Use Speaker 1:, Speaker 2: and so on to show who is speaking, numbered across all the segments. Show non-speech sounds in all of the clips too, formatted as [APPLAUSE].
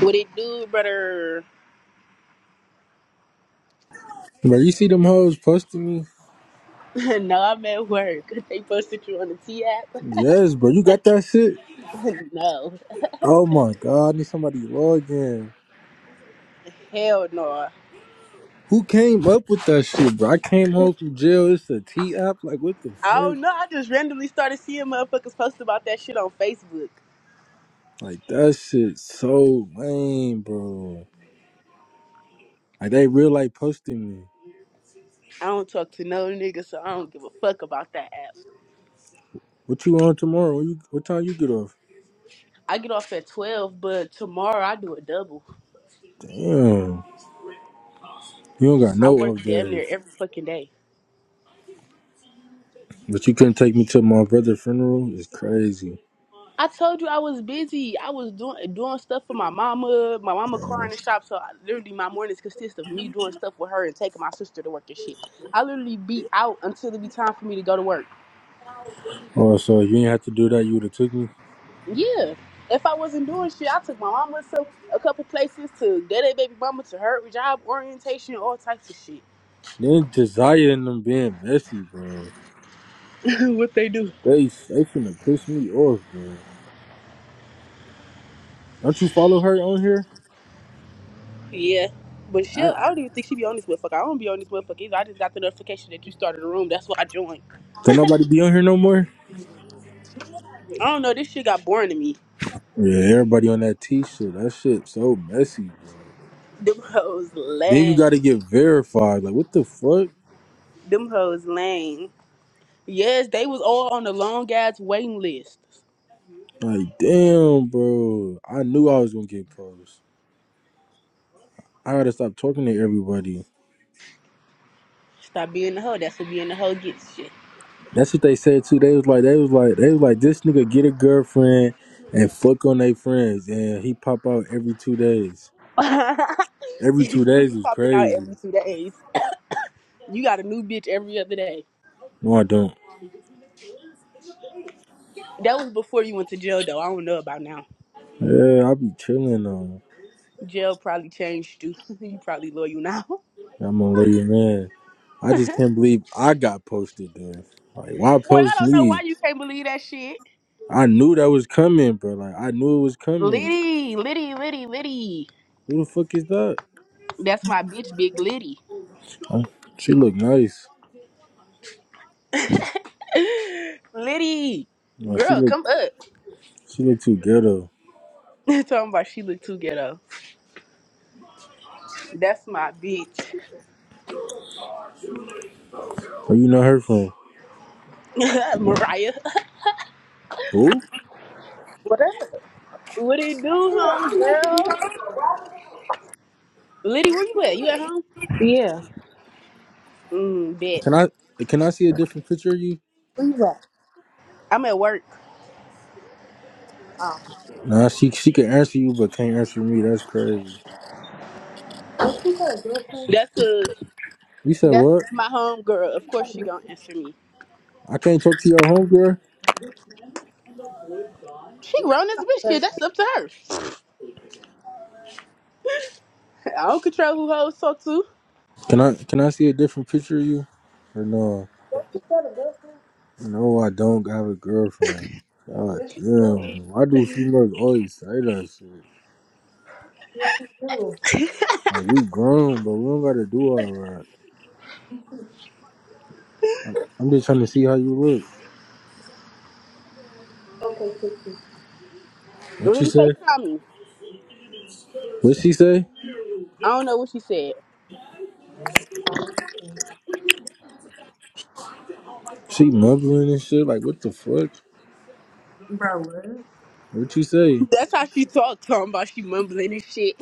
Speaker 1: What it do, brother?
Speaker 2: Bro, you see them hoes posting me?
Speaker 1: [LAUGHS] no, I'm at work. [LAUGHS] They posted you on the T app?
Speaker 2: Yes, bro. You got that shit?
Speaker 1: [LAUGHS] no.
Speaker 2: Oh my god, I need somebody to log in.
Speaker 1: Hell no. I
Speaker 2: Who came up with that shit, bro? I came home from jail. It's a T app. Like, what the fuck?
Speaker 1: don't know. I just randomly started seeing motherfuckers post about that shit on Facebook.
Speaker 2: Like that shit so lame, bro. Like they real like posting me.
Speaker 1: I don't talk to no nigga, so I don't give a fuck about that app.
Speaker 2: What you on tomorrow? When you, what time you get off?
Speaker 1: I get off at 12, but tomorrow I do a double.
Speaker 2: Damn, you don't got
Speaker 1: I
Speaker 2: no off
Speaker 1: work damn near
Speaker 2: days.
Speaker 1: every fucking day.
Speaker 2: But you couldn't take me to my brother's funeral. It's crazy.
Speaker 1: I told you I was busy. I was doing doing stuff for my mama, my mama car in the shop. So I, literally, my mornings consist of me doing stuff with her and taking my sister to work and shit. I literally be out until it be time for me to go to work.
Speaker 2: Oh, so you didn't have to do that. You would have took me.
Speaker 1: Yeah. If I wasn't doing shit, I took my mama to a couple places to daddy, baby mama to her job orientation, all types of shit.
Speaker 2: Then Josiah and them being messy, bro.
Speaker 1: [LAUGHS] what they do?
Speaker 2: They they finna piss me off, bro. Don't you follow her on here?
Speaker 1: Yeah. But she,
Speaker 2: I,
Speaker 1: I don't even think she be on this motherfucker. I don't be on this motherfucker either. I just got the notification that you started a room. That's why I joined.
Speaker 2: don't nobody be on here no more.
Speaker 1: I don't know. This shit got boring to me.
Speaker 2: Yeah, everybody on that T shit. That shit so messy, bro.
Speaker 1: Them hoes
Speaker 2: Then you
Speaker 1: lame.
Speaker 2: gotta get verified. Like what the fuck?
Speaker 1: Them hoes lame. Yes, they was all on the long ass waiting list.
Speaker 2: Like damn, bro. I knew I was gonna get posed. I gotta stop talking to everybody.
Speaker 1: Stop being the hoe. That's what being the hoe gets shit.
Speaker 2: That's what they said too. They was like, they was like, they was like, this nigga get a girlfriend and fuck on they friends, and he pop out every two days.
Speaker 1: [LAUGHS]
Speaker 2: Every
Speaker 1: you
Speaker 2: two
Speaker 1: do be
Speaker 2: days was
Speaker 1: popping out
Speaker 2: crazy.
Speaker 1: every two days. You got a new bitch every other day.
Speaker 2: No, I don't.
Speaker 1: That was before you went to jail though. I don't know about now.
Speaker 2: Yeah, I be chilling though.
Speaker 1: Jail probably changed you. [LAUGHS] you probably loyal now. [LAUGHS]
Speaker 2: Yeah, I'm gonna let you man. I just can't believe I got posted though. Like, why
Speaker 1: Boy, I
Speaker 2: post
Speaker 1: don't know
Speaker 2: me?
Speaker 1: why you can't believe that shit.
Speaker 2: I knew that was coming, bro. Like, I knew it was coming.
Speaker 1: Liddy, Liddy, Liddy, Liddy.
Speaker 2: Who the fuck is that?
Speaker 1: That's my bitch, big Liddy.
Speaker 2: Oh, she look nice.
Speaker 1: [GASPS] Liddy,
Speaker 2: No, she
Speaker 1: girl,
Speaker 2: look
Speaker 1: come up.
Speaker 2: she look too ghetto.
Speaker 1: [LAUGHS] Talking about she look too ghetto. That's my bitch.
Speaker 2: Where you know her from?
Speaker 1: [LAUGHS] Mariah.
Speaker 2: Who?
Speaker 3: Whatever.
Speaker 1: What it do, home girl? Liddy, where you at? You at home?
Speaker 3: Yeah.
Speaker 1: Mm,
Speaker 2: Can I
Speaker 1: bet.
Speaker 2: can I see a different picture of you?
Speaker 3: Where you at?
Speaker 1: I'm at work.
Speaker 2: Nah, she she can answer you, but can't answer me. That's crazy.
Speaker 1: That's cause
Speaker 2: You said
Speaker 1: that's
Speaker 2: what?
Speaker 1: my home girl. Of course she gonna answer me.
Speaker 2: I can't talk to your homegirl.
Speaker 1: She grown as a bitch kid.
Speaker 3: But
Speaker 1: That's up to her. [LAUGHS] I don't control who hoes talk to.
Speaker 2: Can I can I see a different picture of you? Or no?
Speaker 3: you got a girlfriend?
Speaker 2: No, I don't have a girlfriend. God
Speaker 3: Yes, you
Speaker 2: damn, bro.
Speaker 3: do.
Speaker 2: Why do females always say that shit?
Speaker 3: Yes, you do.
Speaker 2: Like, we grown, but we don't gotta do all that. I'm just trying to see how you look.
Speaker 3: Okay, Pixie.
Speaker 2: What you
Speaker 1: Liddy
Speaker 2: say?
Speaker 1: FaceTime me.
Speaker 2: What she say?
Speaker 1: I don't know what she said.
Speaker 2: She mumbling and shit. Like, what the fuck?
Speaker 3: Oh, what?
Speaker 2: What you say?
Speaker 1: That's how she talked, talking about she mumbling and shit.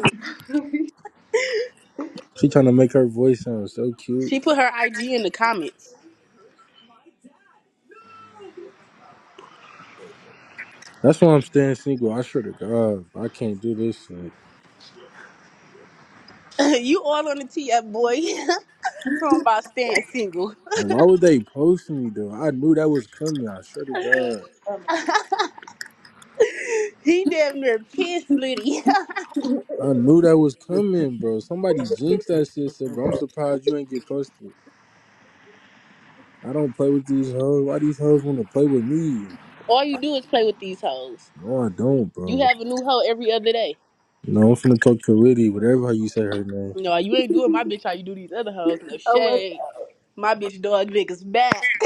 Speaker 2: She trying to make her voice sound so cute.
Speaker 1: She put her IG in the comments.
Speaker 2: That's why I'm staying single. I swear to God, I can't do this shit.
Speaker 1: [LAUGHS] you all on the TF, boy. [LAUGHS] talking about staying single.
Speaker 2: Like, why would they post me though? I knew that was coming. I swear to God.
Speaker 1: He damn near pissed Liddy.
Speaker 2: I knew that was coming, bro. Somebody jinxed that shit, said, bro. I'm surprised you ain't get posted. I don't play with these hoes. Why these hoes want to play with me?
Speaker 1: [LAUGHS] All you do is play with these hoes.
Speaker 2: No, I don't,
Speaker 1: You
Speaker 2: bro.
Speaker 1: have a new hoe every other day.
Speaker 2: No, I'm finna talk to Liddy, whatever how you say her name.
Speaker 1: No, you ain't doing my bitch how you do these other hoes. No
Speaker 3: Oh, what?
Speaker 1: shade. My bitch dog niggas back.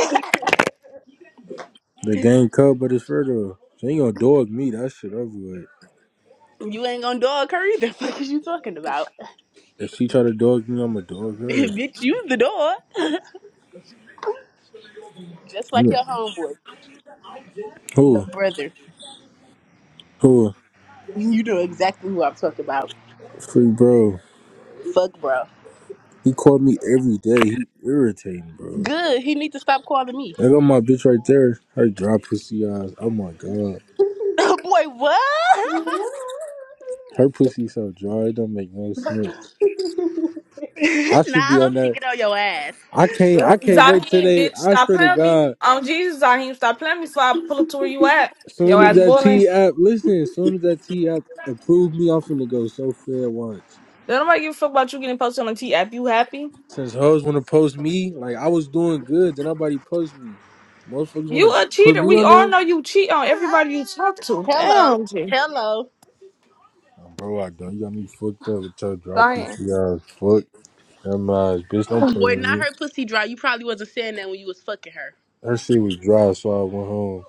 Speaker 2: The game cut, but it's for though. She ain't gonna dog me. That shit over with.
Speaker 1: [LAUGHS] you ain't gonna dog her either. [LAUGHS] What is you talking about?
Speaker 2: If she try to dog me, I'ma dog
Speaker 1: [LAUGHS]
Speaker 2: her.
Speaker 1: bitch, you the dog. Just like
Speaker 2: Yeah.
Speaker 1: your homeboy, your
Speaker 2: Who?
Speaker 1: brother.
Speaker 2: Who?
Speaker 1: You know exactly who I'm talking about.
Speaker 2: Free bro.
Speaker 1: Fuck, bro.
Speaker 2: He called me every day. He irritating, bro.
Speaker 1: Good. He need to stop calling me.
Speaker 2: I got my bitch right there. Her dry pussy eyes. Oh my god.
Speaker 1: [LAUGHS] Boy, what?
Speaker 2: Her pussy so dry, it don't make no sense. I
Speaker 1: [LAUGHS] nah,
Speaker 2: should
Speaker 1: I
Speaker 2: be on
Speaker 1: hope she
Speaker 2: that.
Speaker 1: get on your ass.
Speaker 2: I can't. I can't wait
Speaker 4: Zaheem,
Speaker 2: today.
Speaker 4: bitch,
Speaker 2: I
Speaker 4: stop
Speaker 2: swear to
Speaker 4: playing me.
Speaker 2: God,
Speaker 4: On Jesus, Zaheem, stop playing me so I pull up to where you at. Yo
Speaker 2: soon as
Speaker 4: ass
Speaker 2: that
Speaker 4: boiling.
Speaker 2: T app, listen, as soon as that T app approved me, I'm finna go so fair once.
Speaker 4: Don't nobody give a fuck about you getting posted on the T app. You happy?
Speaker 2: Since hoes wanna post me, like I was doing good, then nobody post me. Motherfuckers wanna
Speaker 4: You a
Speaker 2: put
Speaker 4: cheater.
Speaker 2: me
Speaker 4: We
Speaker 2: on
Speaker 4: all
Speaker 2: there.
Speaker 4: know you cheat on everybody you talk to.
Speaker 1: Hello.
Speaker 4: Damn, G.
Speaker 1: Hello.
Speaker 2: Oh, bro, I don't. You got me fucked up with your dry
Speaker 4: Zaheem.
Speaker 2: pussy ass. Fuck them eyes, bitch. Don't play with
Speaker 1: Boy, not
Speaker 2: me.
Speaker 1: her pussy dry. You probably wasn't saying that when you was fucking her.
Speaker 2: That shit was dry, so I went home.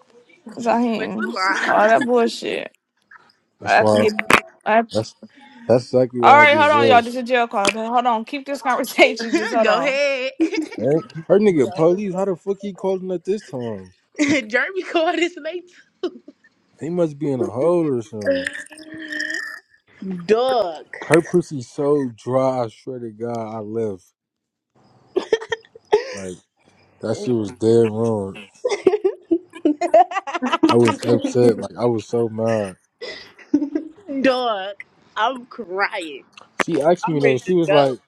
Speaker 1: Boy,
Speaker 4: Zaheem. All
Speaker 1: quit
Speaker 4: that bullshit. I
Speaker 2: That's
Speaker 4: have to
Speaker 2: why.
Speaker 4: get. I have-
Speaker 2: That's that's exactly
Speaker 4: all
Speaker 2: why I
Speaker 4: right, hold
Speaker 2: just
Speaker 4: on, y'all.
Speaker 2: left.
Speaker 4: This is a jail call. Hold on. Keep this [LAUGHS] conversation. Just
Speaker 1: lying. [LAUGHS]
Speaker 4: hold
Speaker 1: Go
Speaker 4: on.
Speaker 1: ahead.
Speaker 2: Her, her nigga police, how the fuck he calling at this time?
Speaker 1: [LAUGHS] Jeremy called his name.
Speaker 2: He must be in a hole or something.
Speaker 1: Dog.
Speaker 2: Her pussy so dry, I swear to God, I left. Like, that shit was dead wrong.
Speaker 1: [LAUGHS]
Speaker 2: I was upset. Like, I was so mad.
Speaker 1: Dog. I'm crying.
Speaker 2: She asked
Speaker 1: I'm
Speaker 2: me though,
Speaker 1: ready
Speaker 2: she
Speaker 1: to
Speaker 2: was
Speaker 1: go.
Speaker 2: like,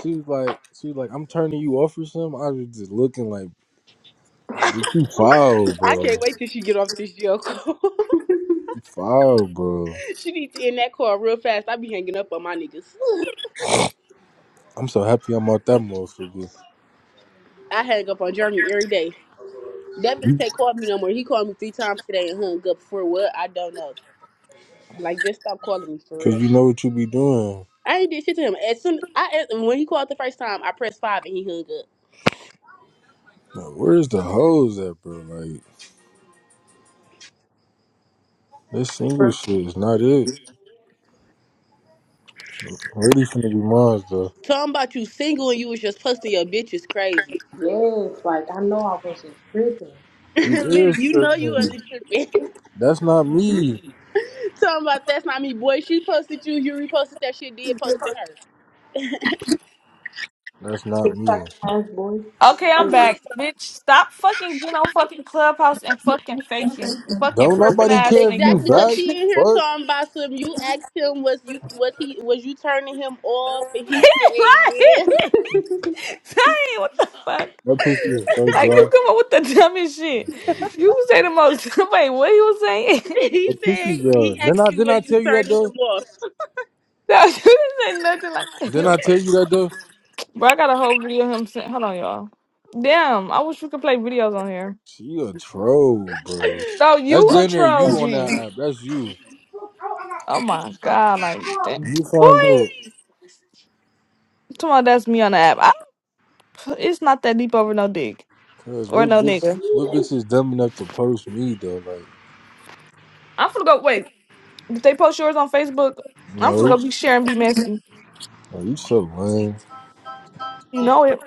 Speaker 2: she was like, she was like, I'm turning you off or something. I was just looking like, bitch, you foul,
Speaker 1: I can't
Speaker 2: bro.
Speaker 1: wait till she get off this jail call.
Speaker 2: You foul, bro.
Speaker 1: [LAUGHS] she needs to end that call real fast. I be hanging up on my niggas.
Speaker 2: I'm so happy I'm out that motherfucker.
Speaker 1: I hang up on Jeremy every day. That bitch can't call me no more. He called me three times today and hung up for what? I don't know. Like, just stop calling me for
Speaker 2: Cause
Speaker 1: real.
Speaker 2: you know what you be doing.
Speaker 1: I ain't did shit to him. As soon I when he called the first time, I pressed five and he hung up.
Speaker 2: Like, where's the hoes at, bro? Like, This single shit is not it. Ready finna be mine though.
Speaker 1: Talking about you single and you was just posting your bitch is crazy.
Speaker 3: Yes, like I know I wasn't prison
Speaker 1: [LAUGHS]
Speaker 2: You
Speaker 1: Liddy,
Speaker 2: is
Speaker 1: you know you
Speaker 2: tripping.
Speaker 1: wasn't tripping.
Speaker 2: That's not me.
Speaker 1: [LAUGHS] Talking about that's not me, boy. She posted you, you reposted that shit, did post to her.
Speaker 2: That's not
Speaker 3: Six pack
Speaker 2: me.
Speaker 3: of ass boy.
Speaker 4: Okay, I'm back. Bitch, stop fucking getting on fucking Clubhouse and fucking faking. Fucking
Speaker 2: Don't
Speaker 4: perping
Speaker 2: nobody
Speaker 4: ass
Speaker 2: care if
Speaker 4: nigga.
Speaker 2: you
Speaker 1: Exactly, cause
Speaker 2: back.
Speaker 4: Fuck
Speaker 1: he in here
Speaker 2: Fuck.
Speaker 1: talking about some. You asked him, was you was he was you turning him off? And he said, yeah.
Speaker 4: like, [LAUGHS] dang, what the fuck?
Speaker 2: That pussy is so
Speaker 4: Like,
Speaker 2: dry.
Speaker 4: you come up with the dumbest shit. You say the most. [LAUGHS] Wait, what he was saying?
Speaker 1: [LAUGHS]
Speaker 4: [LAUGHS]
Speaker 1: he
Speaker 2: That
Speaker 1: said
Speaker 2: pussy dry.
Speaker 1: he
Speaker 2: Then
Speaker 1: asked
Speaker 2: I
Speaker 1: you,
Speaker 2: didn't
Speaker 1: was
Speaker 2: I
Speaker 1: you
Speaker 2: tell you that
Speaker 1: turning him
Speaker 2: though?
Speaker 1: off?
Speaker 4: no, you didn't say nothing like
Speaker 2: Then
Speaker 4: that.
Speaker 2: I tell you that though?
Speaker 4: Bro, I got a whole video of him saying, hold on, y'all. Damn, I wish we could play videos on here.
Speaker 2: She a troll, bro.
Speaker 4: No,
Speaker 2: That's
Speaker 4: you a
Speaker 2: down there
Speaker 4: troll,
Speaker 2: you on
Speaker 4: G.
Speaker 2: that app. That's you.
Speaker 4: Oh my God, like, damn.
Speaker 2: You
Speaker 4: Boy,
Speaker 2: find out.
Speaker 4: tomorrow that's me on the app. I, it's not that deep over no dick
Speaker 2: Cause
Speaker 4: or
Speaker 2: what
Speaker 4: no
Speaker 2: bitch
Speaker 4: nigga.
Speaker 2: what bitch is dumb enough to post me though? Like,
Speaker 4: I'm finna go, wait, did they post yours on Facebook? I'm finna
Speaker 2: no.
Speaker 4: go be sharing, be messy.
Speaker 2: Like, you so lame.
Speaker 4: You know it.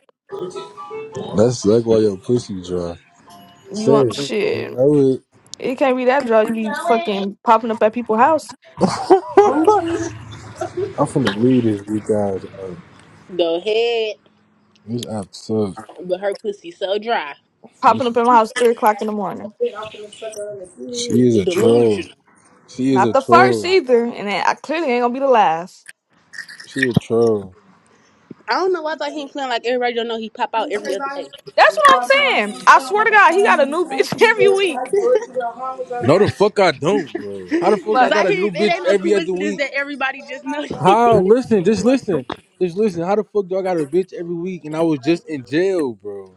Speaker 2: That's like why your pussy dry.
Speaker 4: You want
Speaker 2: Say, you
Speaker 4: shit.
Speaker 2: know it.
Speaker 4: It can't be that draw. You be fucking popping up at people's house,
Speaker 2: [LAUGHS] I'm finna leave this weak ass out.
Speaker 1: The head,
Speaker 2: This app sucks.
Speaker 1: but her pussy so dry,
Speaker 2: This,
Speaker 4: popping up at my house three o'clock in the morning.
Speaker 2: she is a troll.
Speaker 1: delusional.
Speaker 2: She is
Speaker 4: Not
Speaker 2: a
Speaker 4: the first
Speaker 2: troll.
Speaker 4: either, and I clearly ain't gonna be the last.
Speaker 2: She a troll.
Speaker 1: I don't know why I thought he ain't playing like everybody don't know he pop out
Speaker 2: No,
Speaker 1: every other day.
Speaker 4: That's what I'm saying. I swear to God, he got a new bitch [LAUGHS] every week.
Speaker 2: the fuck I don't,
Speaker 1: [LAUGHS]
Speaker 2: bro. How the fuck I
Speaker 1: Is
Speaker 4: Like
Speaker 2: got
Speaker 1: I
Speaker 2: a new
Speaker 1: hear it
Speaker 2: bitch
Speaker 1: ain't no
Speaker 2: every other
Speaker 1: coincidence
Speaker 2: week?
Speaker 1: that everybody just know that.
Speaker 2: How?
Speaker 1: [LAUGHS]
Speaker 2: Listen, just listen. Just listen. How the fuck do I got a bitch every week and I was just in jail, bro?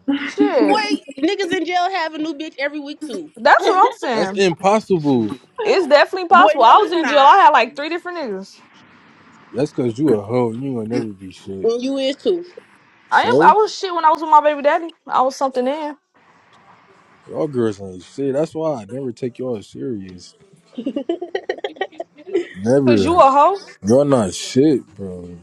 Speaker 1: Boy,
Speaker 4: shit.
Speaker 1: niggas in jail have a new bitch every week too.
Speaker 4: That's what I'm
Speaker 2: That's
Speaker 4: saying.
Speaker 2: impossible.
Speaker 4: It's definitely
Speaker 1: Boy,
Speaker 4: possible. I
Speaker 1: no
Speaker 4: was
Speaker 1: it's
Speaker 4: in jail.
Speaker 1: not.
Speaker 4: I had like three different niggas.
Speaker 2: That's cause you a hoe. You ain't gonna never be shit.
Speaker 1: And you is too.
Speaker 4: I am. I
Speaker 2: So
Speaker 4: was shit when I was with my baby daddy. I was something in.
Speaker 2: y'all girls ain't shit. That's why I never take y'all serious.
Speaker 4: Cause you
Speaker 2: Never.
Speaker 4: a hoe.
Speaker 2: Y'all not shit, bro.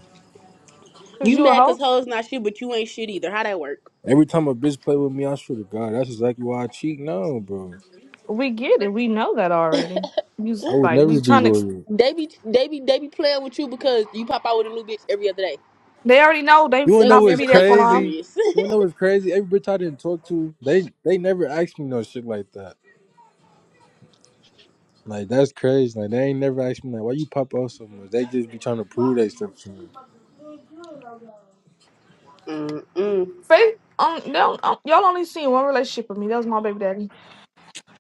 Speaker 4: Cause
Speaker 1: You
Speaker 4: you a
Speaker 1: mad cause
Speaker 4: hoe.
Speaker 1: hoes not shit, but you ain't shit either. How that work?
Speaker 2: Every time a bitch play with me, I swear to God, that's exactly why I cheat now, bro.
Speaker 4: We get it. We know that already. You s-
Speaker 2: I would
Speaker 4: like we
Speaker 2: never be
Speaker 4: trying tryna
Speaker 2: loyal.
Speaker 1: They be they be they be playing with you because you pop out with a new bitch every other day.
Speaker 4: They already know they
Speaker 2: You wanna
Speaker 1: They
Speaker 2: know
Speaker 1: would
Speaker 4: not gonna
Speaker 2: what's
Speaker 4: be
Speaker 1: never
Speaker 4: there
Speaker 1: take
Speaker 4: for
Speaker 1: you
Speaker 4: long.
Speaker 2: crazy?
Speaker 1: serious.
Speaker 2: You wanna know what's crazy? Every bitch I didn't talk to, they they never asked me no shit like that. Like that's crazy. Like they ain't never asked me like why you pop out so much. They just be trying to prove they stuff to me.
Speaker 1: [LAUGHS] Mm-mm.
Speaker 4: Faith, um, they don't, um, y'all only seen one relationship of me. That was my baby daddy.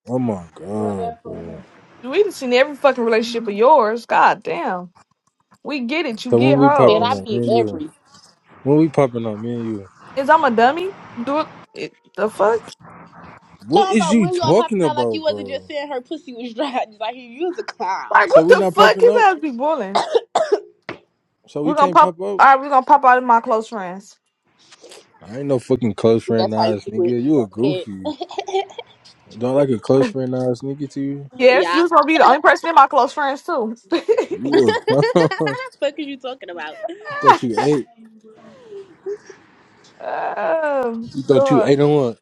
Speaker 2: Oh my god, bro.
Speaker 4: We done seen every fucking relationship of yours. God damn. We get it. You
Speaker 2: So when
Speaker 4: get
Speaker 2: we
Speaker 1: And
Speaker 2: popping
Speaker 1: I
Speaker 4: hoes.
Speaker 2: up,
Speaker 1: mean
Speaker 2: man, you?
Speaker 1: every.
Speaker 2: When we popping up, me and you.
Speaker 4: Is I'm a dummy? Do it, it- the fuck?
Speaker 2: What
Speaker 1: Talking
Speaker 2: is
Speaker 1: about
Speaker 2: you
Speaker 1: when y'all
Speaker 2: talking
Speaker 1: popping out like you
Speaker 2: about,
Speaker 1: wasn't just
Speaker 2: bro?
Speaker 1: saying her pussy was dry. [LAUGHS] Just like you was a clown.
Speaker 4: Like
Speaker 2: So
Speaker 4: what
Speaker 2: we
Speaker 4: the
Speaker 2: not
Speaker 4: fuck?
Speaker 2: popping
Speaker 4: His
Speaker 2: up?
Speaker 4: ass be boiling.
Speaker 2: So we
Speaker 4: We're gonna
Speaker 2: can't
Speaker 4: pop.
Speaker 2: pop up?
Speaker 4: All right, we're gonna pop out of my close friends.
Speaker 2: I ain't no fucking close
Speaker 1: If
Speaker 2: friend
Speaker 1: That's how you
Speaker 2: Nas
Speaker 1: do it.
Speaker 2: nigga. You
Speaker 1: Go
Speaker 2: a
Speaker 1: ahead.
Speaker 2: goofy. Don't like a close friend Nas nigga to you?
Speaker 1: [LAUGHS]
Speaker 4: Yes, you
Speaker 1: yeah.
Speaker 4: was gonna be the only person in my close friends too.
Speaker 2: You a [LAUGHS] you
Speaker 1: [LAUGHS] fuck is you talking about?
Speaker 2: thought
Speaker 4: [LAUGHS]
Speaker 2: you ate.
Speaker 4: um,
Speaker 2: You thought you
Speaker 4: dog.
Speaker 2: ate on what?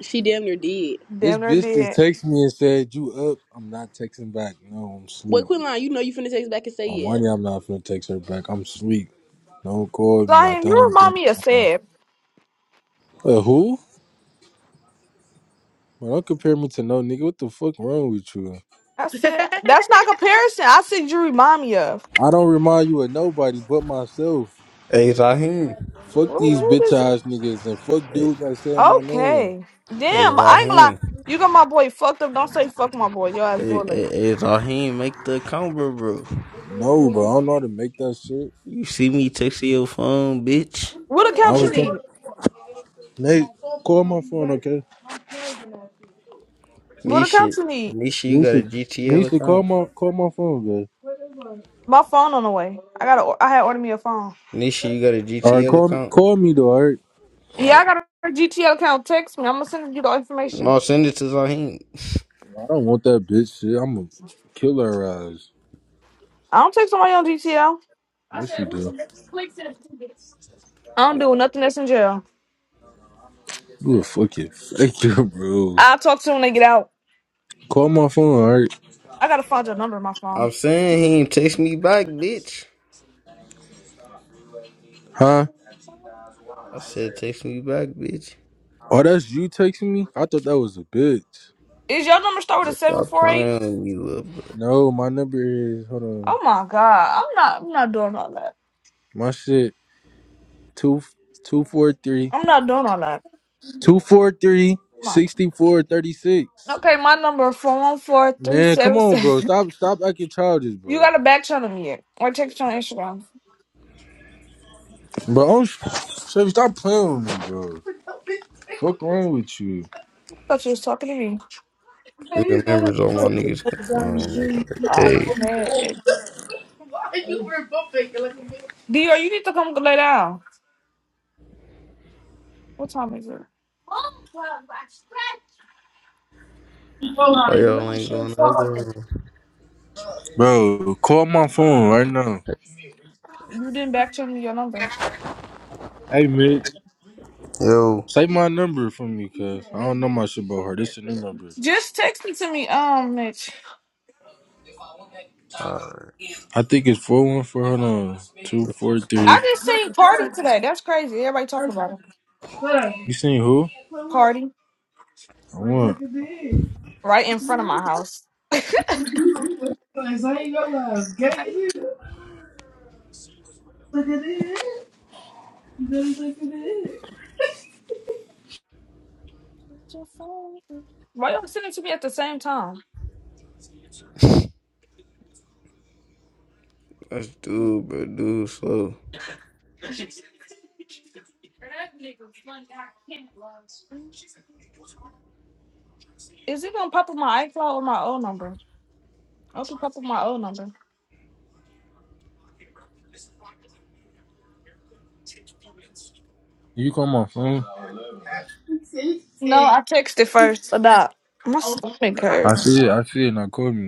Speaker 1: She damn near did.
Speaker 2: This
Speaker 4: Damn, near
Speaker 2: bitch just
Speaker 4: did.
Speaker 2: texted me and said, You up? I'm not texting back. No, I'm
Speaker 1: Boy,
Speaker 2: sleep.
Speaker 1: Quinlan? you know you finna text back and say
Speaker 2: On one yeah,
Speaker 1: yeah.
Speaker 2: I'm not finna text her back. I'm sleep. Don't call me. I
Speaker 4: Zion,
Speaker 2: don't
Speaker 4: you
Speaker 2: wanna get on
Speaker 4: remind me of
Speaker 2: the phone.
Speaker 4: Seb.
Speaker 2: Uh, who? Man, don't compare me to no nigga. What the fuck wrong with you?
Speaker 4: I
Speaker 1: [LAUGHS]
Speaker 4: said that's not comparison. I said you remind me of.
Speaker 2: I don't remind you of nobody but myself.
Speaker 5: Hey Raheem.
Speaker 4: Who,
Speaker 2: Fuck these
Speaker 4: who
Speaker 2: bitch
Speaker 4: does?
Speaker 2: ass niggas and fuck
Speaker 5: Hey,
Speaker 2: dudes that said my name.
Speaker 4: Okay,
Speaker 5: hey
Speaker 4: damn. I ain't gonna lie.
Speaker 5: Raheem.
Speaker 4: You got my boy fucked up. Don't say fuck my boy. Your ass
Speaker 5: Hey,
Speaker 4: bullying.
Speaker 5: hey, hey Raheem, make the account, bro, bro.
Speaker 2: No, bro, I don't know how to make that shit.
Speaker 5: You see me texting your phone, bitch?
Speaker 4: What
Speaker 2: I
Speaker 4: account you
Speaker 2: was
Speaker 4: need?
Speaker 2: talking. Nate, call my phone, okay?
Speaker 4: What
Speaker 5: Nisha,
Speaker 4: account you need?
Speaker 5: Nisha, you got a
Speaker 2: Nisha,
Speaker 5: GTL
Speaker 2: Nisha, call
Speaker 5: account?
Speaker 2: my call my phone, man.
Speaker 4: My phone on the way. I gotta. I had ordered me a phone.
Speaker 5: Nisha, you got a
Speaker 2: All right,
Speaker 5: GTL
Speaker 2: call
Speaker 5: account?
Speaker 2: call me though. All right,
Speaker 4: Yeah, I got a GTL account. Text me. I'm gonna send you the information.
Speaker 5: No, send it to Raheem.
Speaker 2: I don't want that bitch shit. I'm gonna kill her ass.
Speaker 4: I don't text somebody on GTL.
Speaker 2: Yes, you do.
Speaker 4: I don't do nothing that's in jail.
Speaker 2: You a fucking faker, [LAUGHS] bro.
Speaker 4: I'll talk to them when they get out.
Speaker 2: Call my phone, all right?
Speaker 4: I gotta find your number in my phone.
Speaker 5: I'm saying he ain't text me back, bitch.
Speaker 2: Huh?
Speaker 5: I said text me back, bitch.
Speaker 2: Oh, that's you texting me? I thought that was a bitch.
Speaker 4: Is your number start with a
Speaker 5: Just
Speaker 4: seven
Speaker 5: Stop
Speaker 4: four eight?
Speaker 5: playing with me, little bro.
Speaker 2: No, my number is hold on.
Speaker 4: Oh my god, I'm not. I'm not doing all that.
Speaker 2: My shit, two, two, four, three,
Speaker 4: I'm not doing all that.
Speaker 2: two, four, three,
Speaker 4: I'm not.
Speaker 2: sixty-four, thirty-six.
Speaker 4: Okay, my number four one four three
Speaker 2: Man, come
Speaker 4: seven
Speaker 2: on, bro.
Speaker 4: seven. [LAUGHS]
Speaker 2: Stop, stop acting childish,
Speaker 4: You
Speaker 2: bro.
Speaker 4: got a back channel me yet? Or text you on Instagram?
Speaker 2: But I'm, Chevy, stop playing with me, bro. Fuck wrong with you,
Speaker 4: I thought you was talking to me.
Speaker 5: Nigga members on my niggas. Oh, nigga,
Speaker 4: Oh
Speaker 5: hey.
Speaker 4: my head. Dior, you need to come lay down. What time is it?
Speaker 5: Why
Speaker 4: Is that
Speaker 5: y'all
Speaker 4: my
Speaker 5: ain't
Speaker 4: shit?
Speaker 5: going to the other room?
Speaker 2: bro? Call my phone right now.
Speaker 4: You didn't back channel me your number.
Speaker 2: Hey, Mitch,
Speaker 5: Yo.
Speaker 2: say my number for me, cause I don't know my shit about her. This a new number.
Speaker 4: Just text it to me, um, Mitch.
Speaker 5: Alright.
Speaker 2: I think it's four one four. Hold on, two, four,
Speaker 4: I
Speaker 2: three.
Speaker 4: just seen Cardi today. That's crazy. Everybody talking about him.
Speaker 2: You seen who?
Speaker 4: Cardi,
Speaker 2: I want.
Speaker 4: right in front of my house.
Speaker 2: Like, so I ain't know I was gay as hell. Look at it. You better look at it.
Speaker 4: Why y'all sending it to me at the same time?
Speaker 5: Let's do, but do slow.
Speaker 4: Is it gonna pop up my iCloud or my old number? I hope it pop up my old number.
Speaker 2: You come on, phone.
Speaker 4: No, I texted first about my stomach
Speaker 2: I
Speaker 4: hurts.
Speaker 2: see it. I see it. Now call me.